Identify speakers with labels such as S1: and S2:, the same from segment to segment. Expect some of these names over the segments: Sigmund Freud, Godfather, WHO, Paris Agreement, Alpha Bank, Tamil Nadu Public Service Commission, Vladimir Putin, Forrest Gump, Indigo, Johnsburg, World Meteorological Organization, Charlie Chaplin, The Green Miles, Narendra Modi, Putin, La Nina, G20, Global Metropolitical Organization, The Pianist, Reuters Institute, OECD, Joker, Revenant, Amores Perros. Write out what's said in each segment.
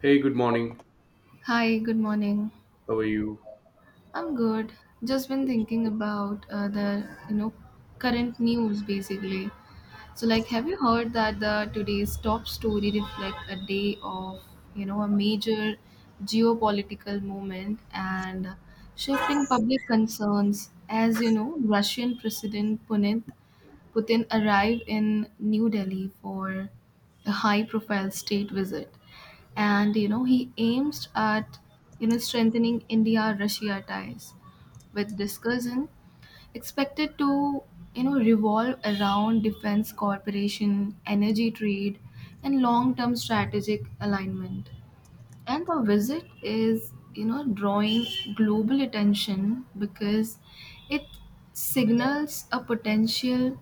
S1: Hey, good morning.
S2: Hi, good morning.
S1: How are you?
S2: I'm good. Just been thinking about the current news basically. So, like, have you heard that the today's top story reflect a day of a major geopolitical moment and shifting public concerns? As you know, Russian President Putin arrived in New Delhi for a high-profile state visit, and he aims at strengthening India Russia ties, with discussion expected to revolve around defense cooperation, energy trade, and long term strategic alignment. And the visit is drawing global attention, because it signals a potential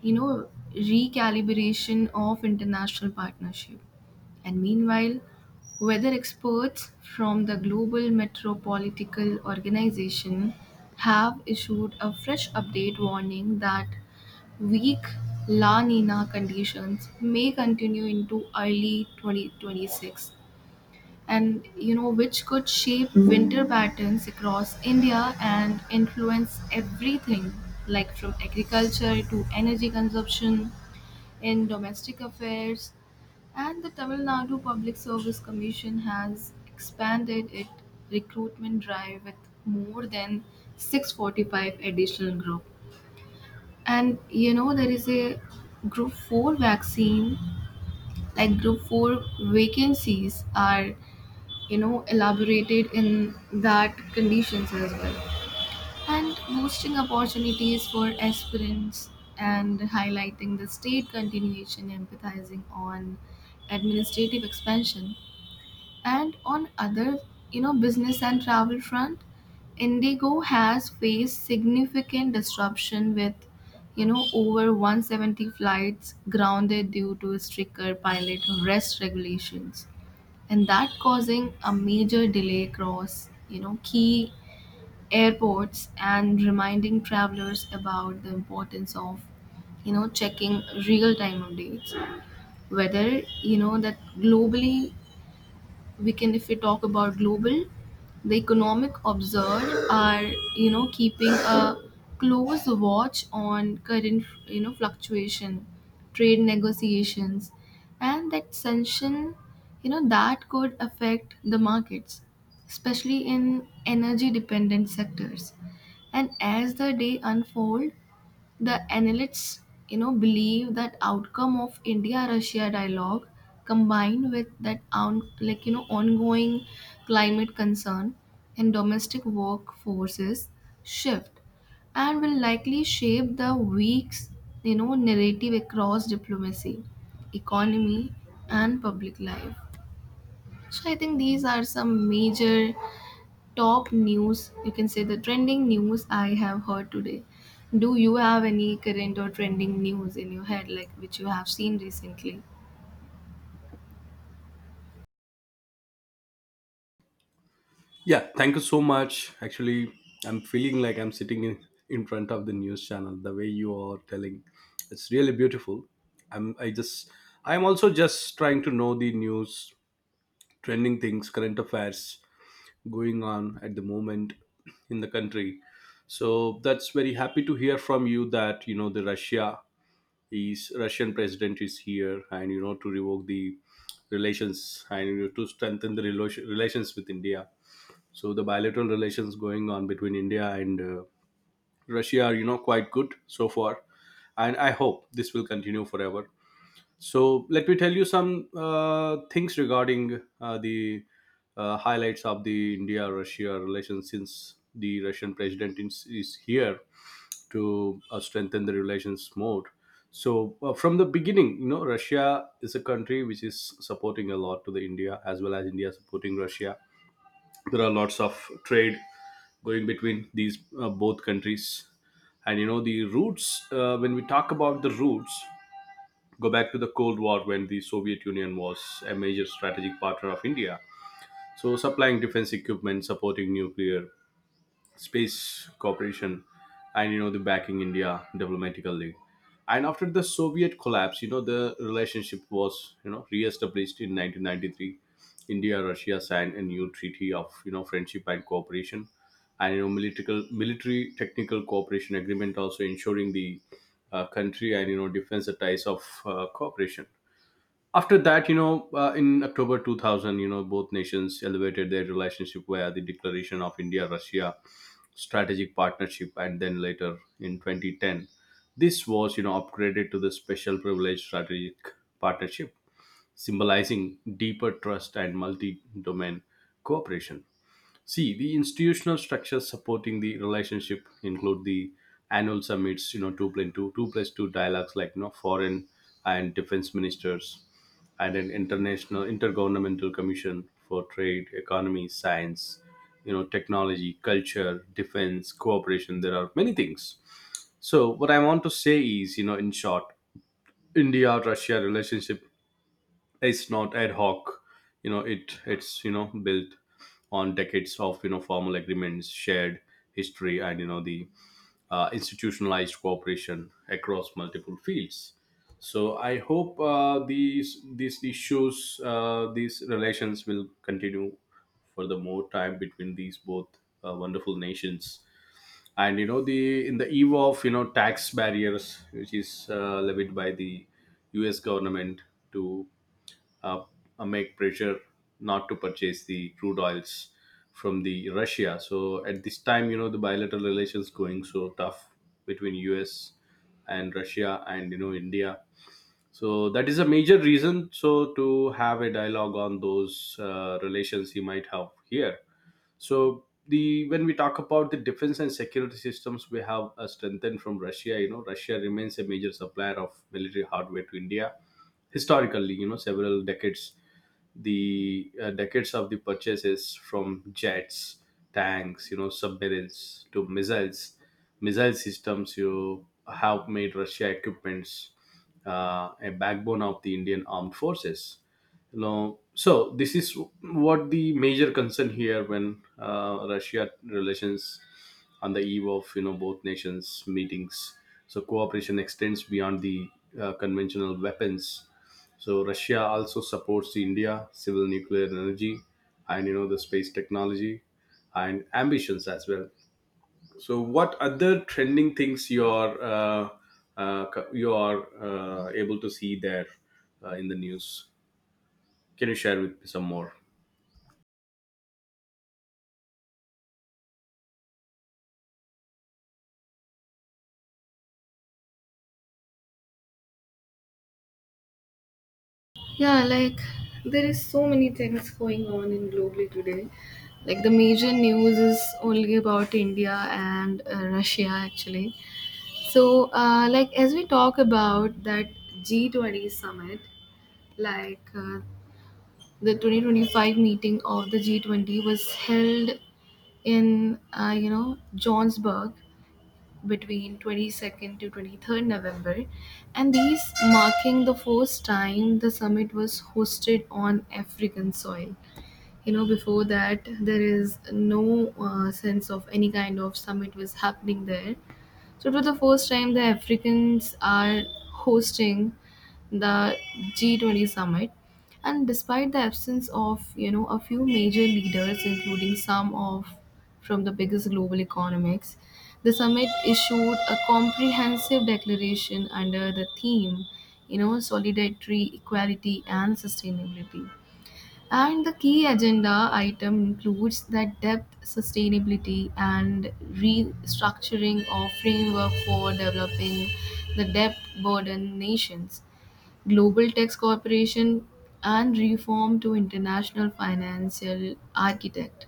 S2: you know recalibration of international partnership. And meanwhile, weather experts from the Global Metropolitical Organization have issued a fresh update warning that weak La Nina conditions may continue into early 2026, and which could shape winter patterns across India and influence everything like from agriculture to energy consumption in domestic affairs. And the Tamil Nadu Public Service Commission has expanded its recruitment drive with more than 645 additional group. And there is a group 4 vaccine, like group 4 vacancies are elaborated in that conditions as well, and boosting opportunities for aspirants, and highlighting the state continuation emphasizing on administrative expansion. And on other, business and travel front, Indigo has faced significant disruption with, over 170 flights grounded due to stricter pilot rest regulations, and that causing a major delay across, key airports, and reminding travelers about the importance of checking real time updates. Whether that globally, we can if we talk about global, the economic observed are keeping a close watch on current fluctuation, trade negotiations, and that tension that could affect the markets, especially in energy dependent sectors. And as the day unfold, the analysts believe that outcome of India Russia dialogue, combined with that on, like, ongoing climate concern and domestic workforces shift, and will likely shape the week's narrative across diplomacy, economy, and public life. So I think these are some major top news, you can say the trending news I have heard today. Do you have any current or trending news in your head, like which you have seen recently?
S1: Yeah, thank you so much. Actually, I'm feeling like I'm sitting in front of the news channel. The way you are telling, it's really beautiful. I'm I just I'm also just trying to know the news, trending things, current affairs going on at the moment in the country. So that's very happy to hear from you that you know the Russian president is here, and you know to revoke the relations and, you know, to strengthen the relations with India. So the bilateral relations going on between India and Russia are, you know, quite good so far, and I hope this will continue forever. So let me tell you some things regarding the highlights of the India-Russia relations since the Russian president is here to strengthen the relations more. So from the beginning, you know, Russia is a country which is supporting a lot to the India as well as India supporting Russia. There are lots of trade going between these both countries, and you know the roots. When we talk about the roots, go back to the cold war when the Soviet Union was a major strategic partner of India, so supplying defense equipment, supporting nuclear space cooperation, and you know the backing India diplomatically. And after the Soviet collapse, you know the relationship was, you know, re-established in 1993. India, Russia signed a new treaty of, you know, friendship and cooperation, and you know military technical cooperation agreement also ensuring the country and you know defense ties of cooperation. After that, you know, in October 2000, you know, both nations elevated their relationship via the declaration of India Russia strategic partnership, and then later in 2010 this was, you know, upgraded to the special privilege strategic partnership, symbolizing deeper trust and multi domain cooperation. See, the institutional structures supporting the relationship include the annual summits, you know, two plus two dialogues like, you know, foreign and defense ministers, and an international intergovernmental commission for trade, economy, science, you know, technology, culture, defense, cooperation. There are many things. So, what I want to say is, you know, in short, India Russia relationship, it's not ad hoc. You know, it's, you know, built on decades of, you know, formal agreements, shared history, and you know the institutionalized cooperation across multiple fields. So I hope these issues, these relations will continue for the more time between these both wonderful nations. And you know the in the eve of, you know, tax barriers which is levied by the US government to uh, make pressure not to purchase the crude oils from the Russia. So at this time, you know, the bilateral relations going so tough between US and Russia and you know India. So that is a major reason. So to have a dialogue on those relations, you might have here. So the when we talk about the defense and security systems we have strengthened from Russia, you know, Russia remains a major supplier of military hardware to India. Historically, you know, several decades, the decades of the purchases from jets, tanks, you know, submarines to missiles, missile systems, you have made Russia equipments a backbone of the Indian armed forces. You know, so this is what the major concern here when Russia relations on the eve of, you know, both nations meetings. So cooperation extends beyond the conventional weapons. So Russia also supports the India civil nuclear energy and you know the space technology and ambitions as well. So what other trending things you are you are able to see there in the news? Can you share with me some more?
S2: Yeah, like there is so many things going on in globally today. Like the major news is only about India and Russia actually. So, like, as we talk about that G20 summit, like the 2025 meeting of the G20 was held in Johnsburg between 22nd to 23rd November, and these marking the first time the summit was hosted on African soil. You know, before that there is no sense of any kind of summit was happening there, so, for the first time, the Africans are hosting the G20 summit. And despite the absence of, you know, a few major leaders, including some of from the biggest global economics, the summit issued a comprehensive declaration under the theme, you know, solidarity, equality, and sustainability. And the key agenda item includes that depth, sustainability, and restructuring of framework for developing the debt burden nations, global tax cooperation, and reform to international financial architect.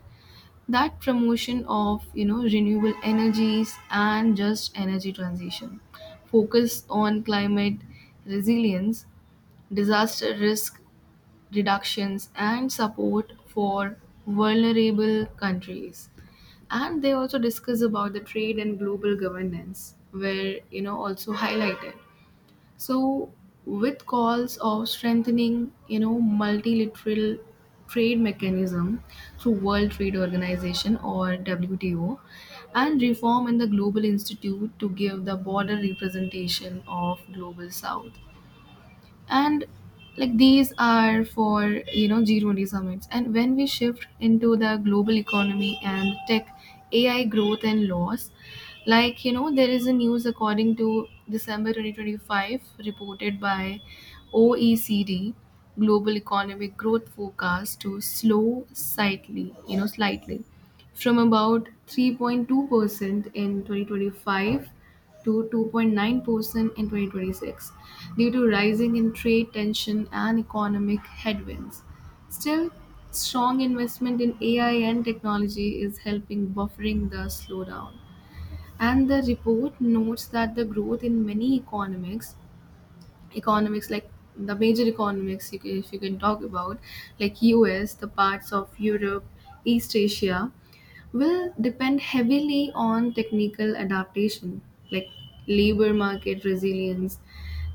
S2: That promotion of renewable energies and just energy transition, focus on climate resilience, disaster risk reductions, and support for vulnerable countries. And they also discuss about the trade and global governance were also highlighted, so with calls of strengthening multilateral trade mechanism through World Trade Organization or WTO, and reform in the global institute to give the border representation of global south. And like these are for G20 summits. And when we shift into the global economy and tech, AI growth and loss, like there is a news, according to December 2025 reported by OECD, global economic growth forecast to slow slightly, from about 3.2% in 2025 to 2.9% in 2026 due to rising in trade tension and economic headwinds. Still, strong investment in AI and technology is helping buffering the slowdown. And the report notes that the growth in many economics, like the major economics, you can, if you can talk about, like US, the parts of Europe, East Asia, will depend heavily on technical adaptation, like labor market resilience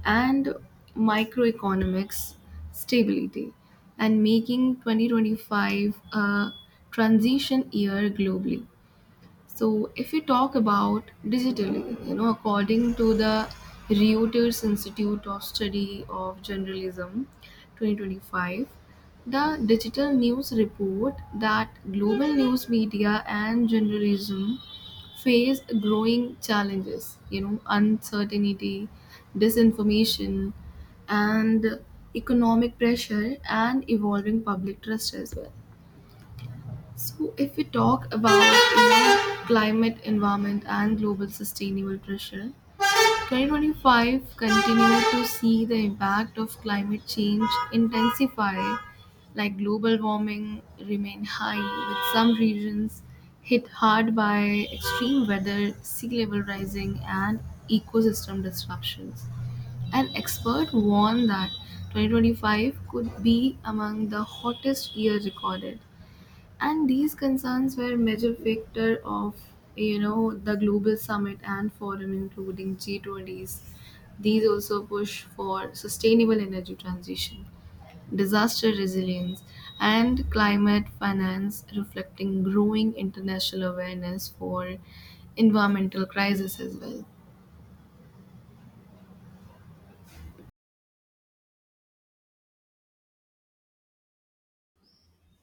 S2: and microeconomics stability, and making 2025 a transition year globally. So if we talk about digitally, you know, according to the Reuters Institute of Study of Journalism 2025, the digital news report that global news media and journalism face growing challenges, you know, uncertainty, disinformation, and economic pressure and evolving public trust as well. So, if we talk about climate, environment, and global sustainable pressure, 2025 continued to see the impact of climate change intensify, like global warming remain high, with some regions hit hard by extreme weather, sea level rising, and ecosystem disruptions. An expert warned that 2025 could be among the hottest year recorded, and these concerns were major factor of the global summit and forum including G20s. These also push for sustainable energy transition, disaster resilience, and climate finance, reflecting growing international awareness for environmental crisis as well.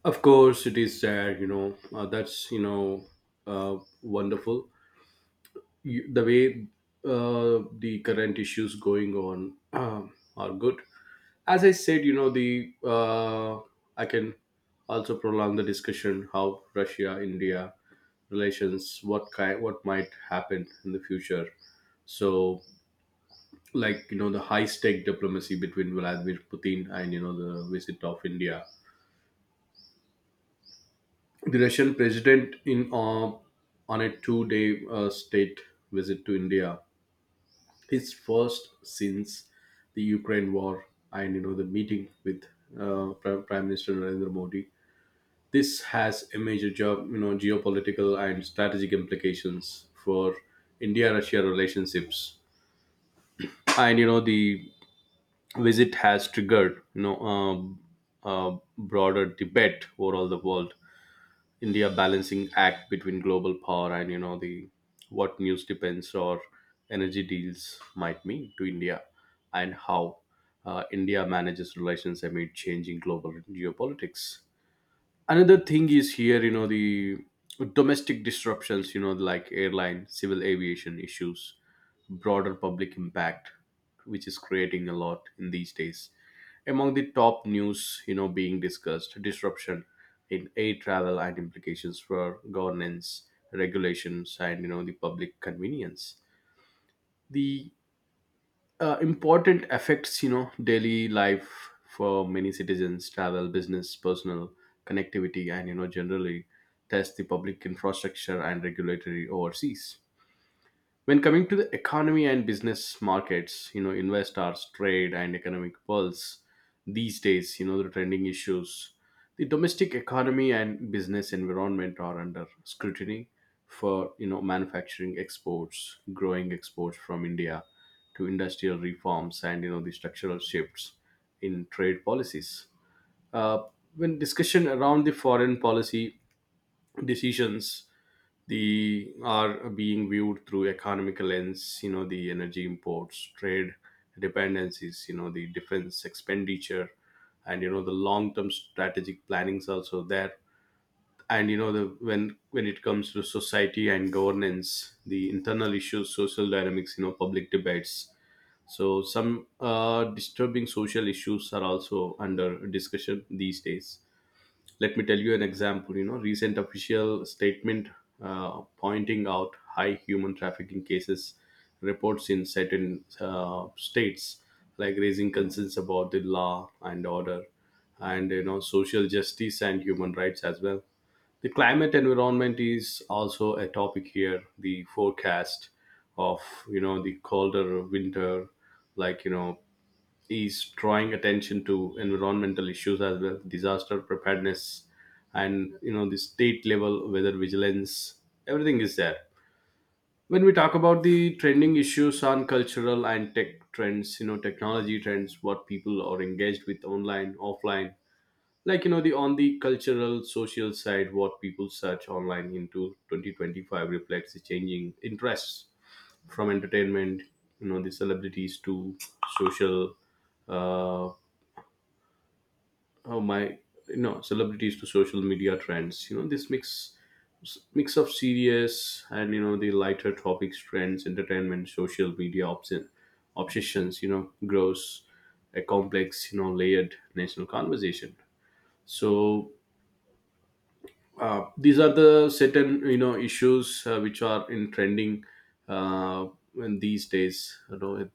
S1: Of course, it is there. You know, that's, you know, wonderful. You, the way the current issues going on are good. As I said, you know, the I can also prolong the discussion how Russia India relations, what kind, what might happen in the future. So, like you know, the high stake diplomacy between Vladimir Putin and you know the visit of India, the Russian president in on a two-day state visit to India, his first since the Ukraine war, and you know the meeting with Prime Minister Narendra Modi. This has a major job, you know, geopolitical and strategic implications for India-Russia relationships, and you know the visit has triggered, you know, a broader debate over all the world India balancing act between global power and you know the what news depends or energy deals might mean to India and how India manages relations amid changing global geopolitics. Another thing is here, you know, the domestic disruptions, you know, like airline civil aviation issues, broader public impact, which is creating a lot in these days. Among the top news, you know, being discussed disruption in air travel and implications for governance regulations and you know the public convenience, the important affects, you know, daily life for many citizens, travel, business, personal connectivity, and you know generally test the public infrastructure and regulatory overseas. When coming to the economy and business markets, you know, investors, trade, and economic pulse these days, you know the trending issues, the domestic economy and business environment are under scrutiny for, you know, manufacturing exports, growing exports from India to industrial reforms, and you know the structural shifts in trade policies. Uh, when discussion around the foreign policy decisions, they are being viewed through economic lens, you know the energy imports, trade dependencies, you know the defense expenditure, and you know the long term strategic plannings also there. And you know the when it comes to society and governance, the internal issues, social dynamics, you know, public debates. So some disturbing social issues are also under discussion these days. Let me tell you an example. You know, recent official statement pointing out high human trafficking cases reports in certain states, like raising concerns about the law and order and you know social justice and human rights as well. The climate environment is also a topic here. The forecast of, you know, the colder winter, like you know, is drawing attention to environmental issues as well, disaster preparedness, and you know the state level weather vigilance. Everything is there. When we talk about the trending issues on cultural and tech trends, you know, technology trends, what people are engaged with online offline, like you know the on the cultural social side, what people search online into 2025 reflects the changing interests from entertainment, you know the celebrities to social, uh, how my you know celebrities to social media trends, you know this mix of serious and you know the lighter topics trends, entertainment, social media obsessions, you know, grows a complex, you know, layered national conversation. So these are the certain, you know, issues which are in trending uh, in these days. You know,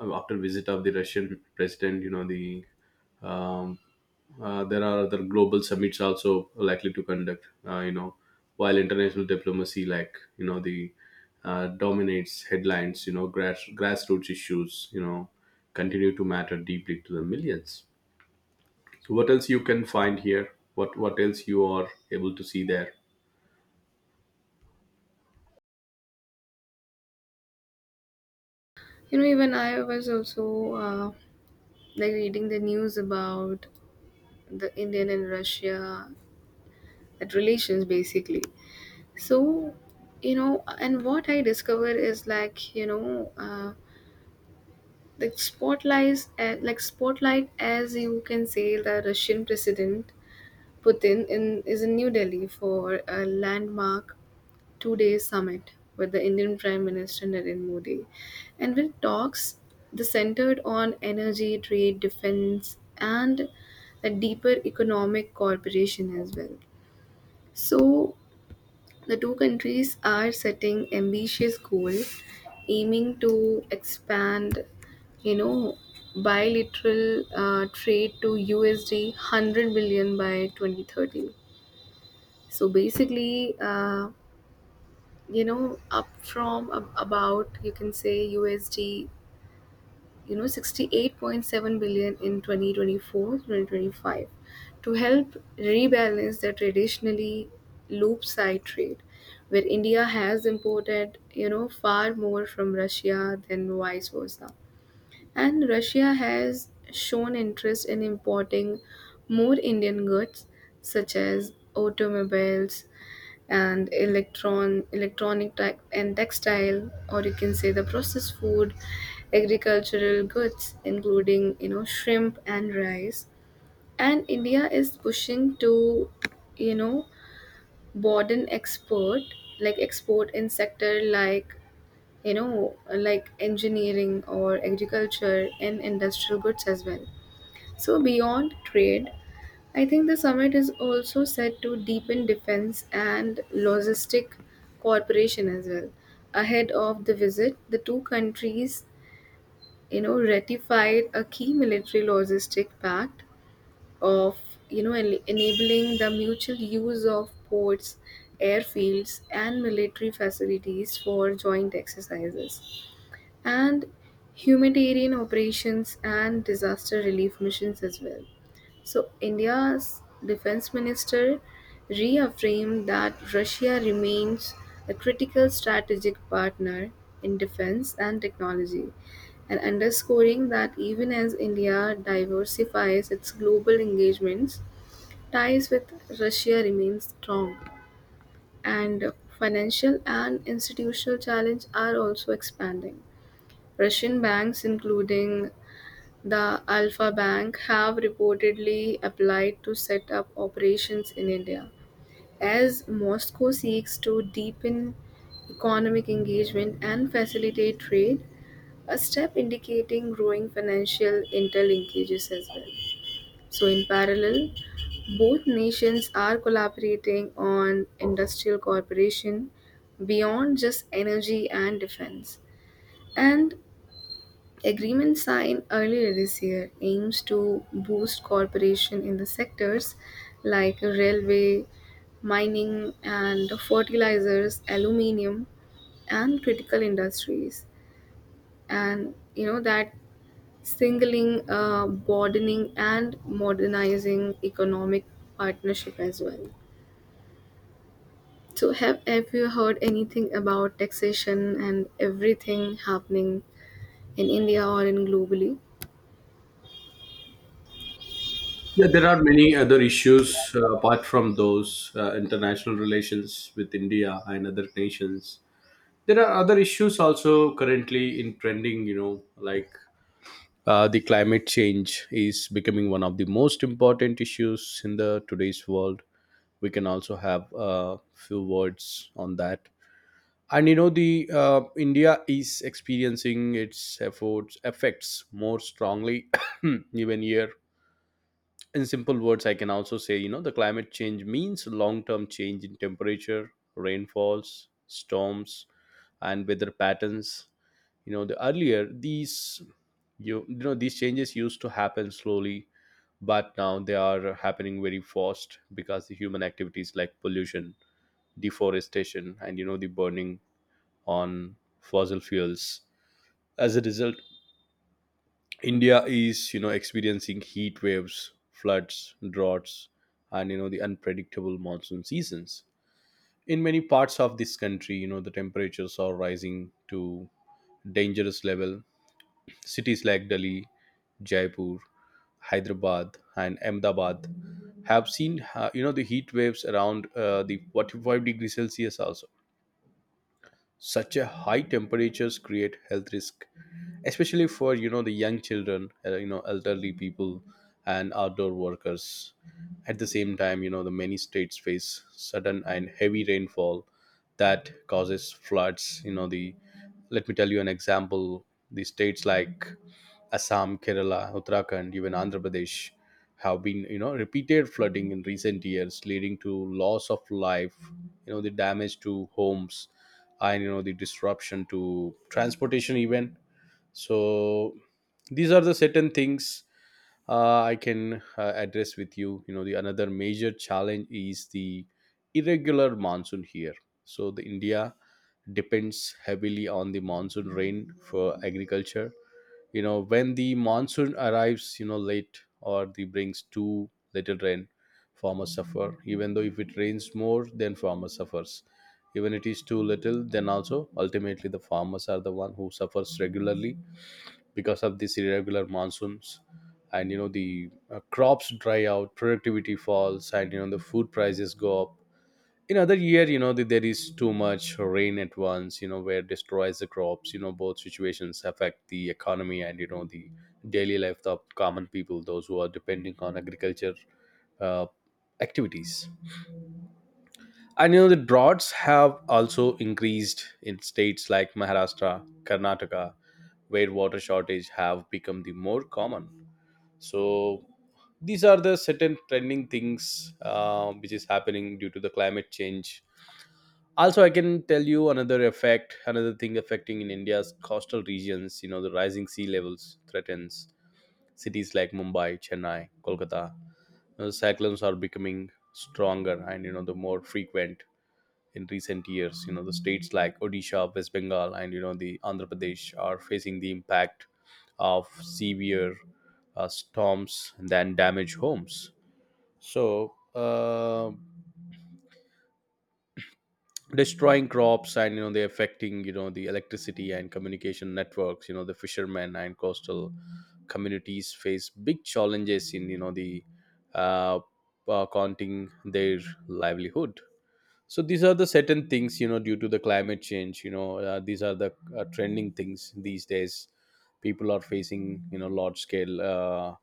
S1: after visit of the Russian president, you know the um, there are other global summits also likely to conduct. You know, while international diplomacy, like you know, the dominates headlines. You know, grassroots issues, you know, continue to matter deeply to the millions. So, what else you can find here? What else you are able to see there?
S2: You know, even I was also like reading the news about the Indian and Russia, that relations basically. So, and what I discover is, like, the spotlights, like spotlight, as you can say, the Russian president Putin in is in New Delhi for a landmark 2-day summit with the Indian Prime Minister Narendra Modi, and with talks the centered on energy trade defense and a deeper economic cooperation as well. So, the two countries are setting ambitious goals, aiming to expand, you know, bilateral trade to USD 100 billion by 2030. So basically, up from about, you can say, USD 68.7 billion in 2024, 2025, to help rebalance the traditionally loop side trade where India has imported, you know, far more from Russia than vice versa. And Russia has shown interest in importing more Indian goods such as automobiles and electronic tech and textile, or you can say, the processed food, agricultural goods including, you know, shrimp and rice. And India is pushing to you know broaden export, like export in sector, like engineering or agriculture and industrial goods as well. So beyond trade, I think the summit is also set to deepen defense and logistic cooperation as well. Ahead of the visit, the two countries, you know, ratified a key military logistic pact of, you know, enabling the mutual use of ports, airfields, and military facilities for joint exercises and humanitarian operations and disaster relief missions as well. So, India's defense minister reaffirmed that Russia remains a critical strategic partner in defense and technology, and underscoring that even as India diversifies its global engagements, ties with Russia remain strong, and financial and institutional challenges are also expanding. Russian banks, including the Alpha Bank have reportedly applied to set up operations in India, as Moscow seeks to deepen economic engagement and facilitate trade, a step indicating growing financial interlinkages as well. So, in parallel, both nations are collaborating on industrial cooperation beyond just energy and defense. And agreement signed earlier this year aims to boost cooperation in the sectors like railway, mining and fertilizers, aluminium and critical industries. And you know that singling, broadening and modernizing economic partnership as well. So, have you heard anything about taxation and everything happening in India or in globally?
S1: Yeah, there are many other issues apart from those international relations with India and other nations. There are other issues also currently in trending, you know, like The climate change is becoming one of the most important issues in the today's world. We can also have a few words on that. And you know, the India is experiencing its efforts effects more strongly even here. In simple words, I can also say, you know, the climate change means long-term change in temperature, rainfalls, storms, and weather patterns. You know the earlier these, you know, these changes used to happen slowly, but now they are happening very fast because the human activities like pollution, deforestation, and you know the burning on fossil fuels. As a result, India is, you know, experiencing heat waves, floods, droughts, and you know the unpredictable monsoon seasons. In many parts of this country, you know the temperatures are rising to dangerous level. Cities like Delhi, Jaipur, Hyderabad, and Ahmedabad have seen you know the heat waves around the 45 degrees Celsius also. Such a high temperatures create health risk, especially for, you know, the young children, you know, elderly people, and outdoor workers. At the same time, you know the many states face sudden and heavy rainfall that causes floods. You know the let me tell you an example. The states like Assam, Kerala, Uttarakhand, even Andhra Pradesh have been, you know, repeated flooding in recent years, leading to loss of life, you know, the damage to homes, and you know the disruption to transportation even. So these are the certain things I can address with you. You know, the another major challenge is the irregular monsoon here. So the India depends heavily on the monsoon rain for agriculture. You know, when the monsoon arrives, you know, late or the brings too little rain, farmers suffer. Even though if it rains more then farmer suffers, even it is too little then also ultimately the farmers are the one who suffers regularly because of these irregular monsoons. And you know the crops dry out, productivity falls, and you know the food prices go up. In other year, there is too much rain at once, you know, where destroys the crops. You know, both situations affect the economy and you know the daily life of common people, those who are depending on agriculture uh, activities. And you know the droughts have also increased in states like Maharashtra, Karnataka, where water shortage have become the more common. So these are the certain trending things which is happening due to the climate change. Also I can tell you another effect, another thing affecting in India's coastal regions. You know the rising sea levels threatens cities like Mumbai, Chennai, Kolkata. You know, cyclones are becoming stronger and you know the more frequent in recent years. You know the states like Odisha, West Bengal, and you know the Andhra Pradesh are facing the impact of severe storms and then damage homes. So uh, destroying crops and you know they're affecting, you know, the electricity and communication networks. You know the fishermen and coastal communities face big challenges in, you know, the uh, counting their livelihood. So these are the certain things, you know, due to the climate change. You know, these are the trending things these days people are facing, you know, large scale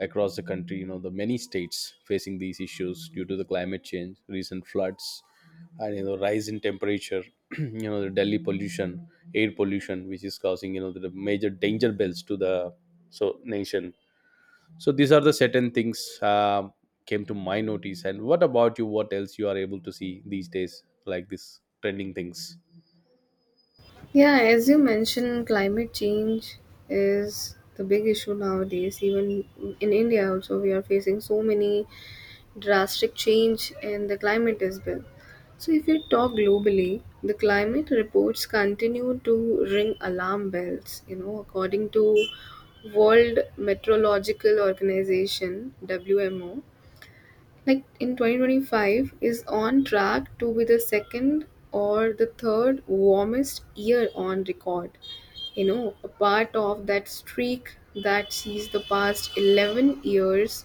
S1: across the country. You know the many states facing these issues due to the climate change, recent floods, and you know rise in temperature. You know the Delhi pollution, air pollution, which is causing, you know, the major danger bells to the so nation. So these are the certain things, um came to my notice. And what about you? What else you are able to see these days, like these trending things?
S2: Yeah, as you mentioned, climate change is the big issue nowadays. Even in India, also, we are facing so many drastic change in the climate as well. So, if you talk globally, the climate reports continue to ring alarm bells. You know, according to World Meteorological Organization (WMO), like in 2025 is on track to be the second or the third warmest year on record. You know, a part of that streak that sees the past 11 years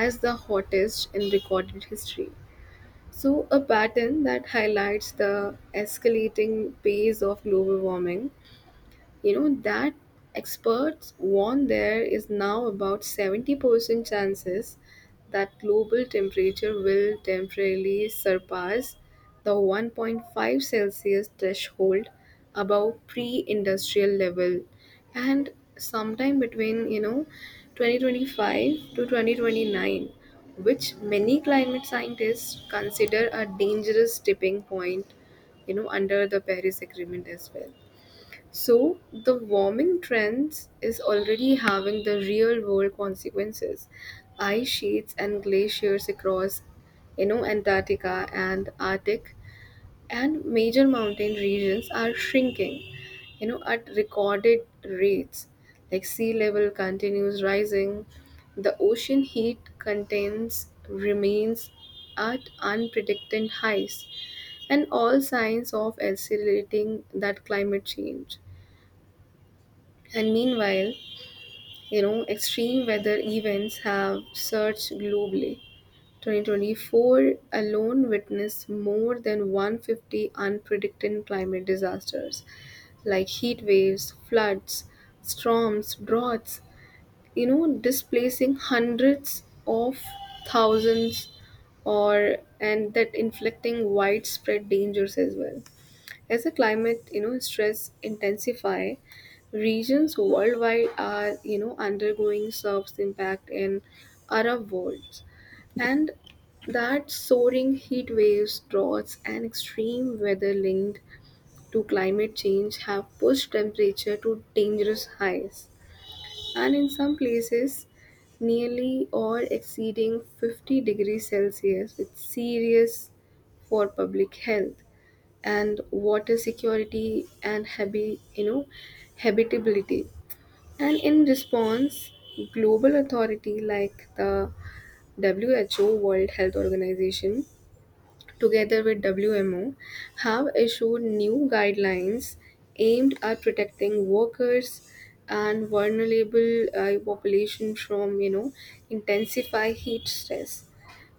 S2: as the hottest in recorded history. So a pattern that highlights the escalating pace of global warming. You know that experts warn there is now about 70% chances that global temperature will temporarily surpass the 1.5 celsius threshold above pre-industrial level, and sometime between 2025 to 2029, which many climate scientists consider a dangerous tipping point, you know, under the Paris agreement as well. So, the warming trends is already having the real world consequences. Ice sheets and glaciers across, you know, Antarctica and Arctic and major mountain regions are shrinking, you know, at recorded rates. Like sea level continues rising, the ocean heat contains remains at unprecedented highs, and all signs of accelerating that climate change. And meanwhile, you know, extreme weather events have surged globally. 2024 alone witnessed more than 150 unpredicted climate disasters like heat waves, floods, storms, droughts, displacing hundreds of thousands or and that inflicting widespread dangers as well. As the climate, you know, stress intensify, regions worldwide are, you know, undergoing surf's impact in Arab worlds. And that soaring heat waves, droughts, and extreme weather linked to climate change have pushed temperature to dangerous highs. And in some places, nearly or exceeding 50 degrees Celsius with serious for public health and water security and habitability. And in response, global authority like the WHO World Health Organization together with WMO, have issued new guidelines aimed at protecting workers and vulnerable population from intensified heat stress,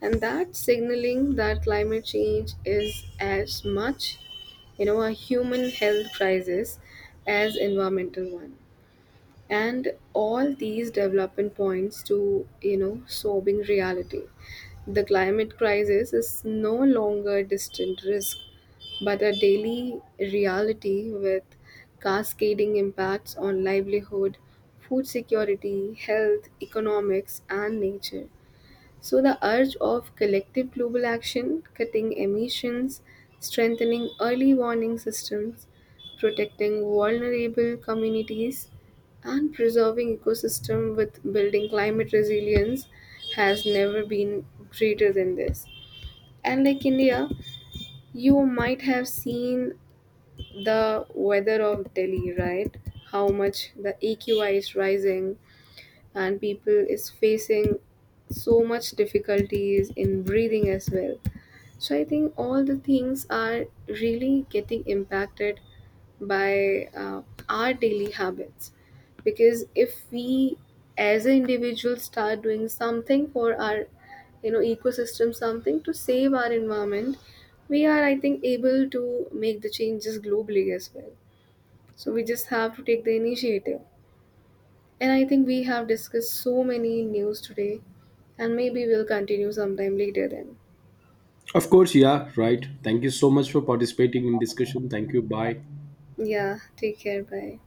S2: and that signaling that climate change is as much a human health crisis as environmental one. And all these development points to sobering reality, the climate crisis is no longer a distant risk but a daily reality with cascading impacts on livelihood, food security, health, economics, and nature. So, the urge of collective global action, cutting emissions, strengthening early warning systems, protecting vulnerable communities, and preserving ecosystem with building climate resilience has never been greater than this. And like India, you might have seen the weather of Delhi, right? How much the AQI is rising, and people is facing so much difficulties in breathing as well. So I think all the things are really getting impacted by our daily habits, because if we as an individual start doing something for our ecosystem, something to save our environment, we are, I think, able to make the changes globally as well. So we just have to take the initiative. And I think we have discussed so many news today, and maybe we'll continue sometime later then.
S1: Of course, yeah, right. Thank you so much for participating in discussion. Thank you. Bye.
S2: Yeah, take care. Bye.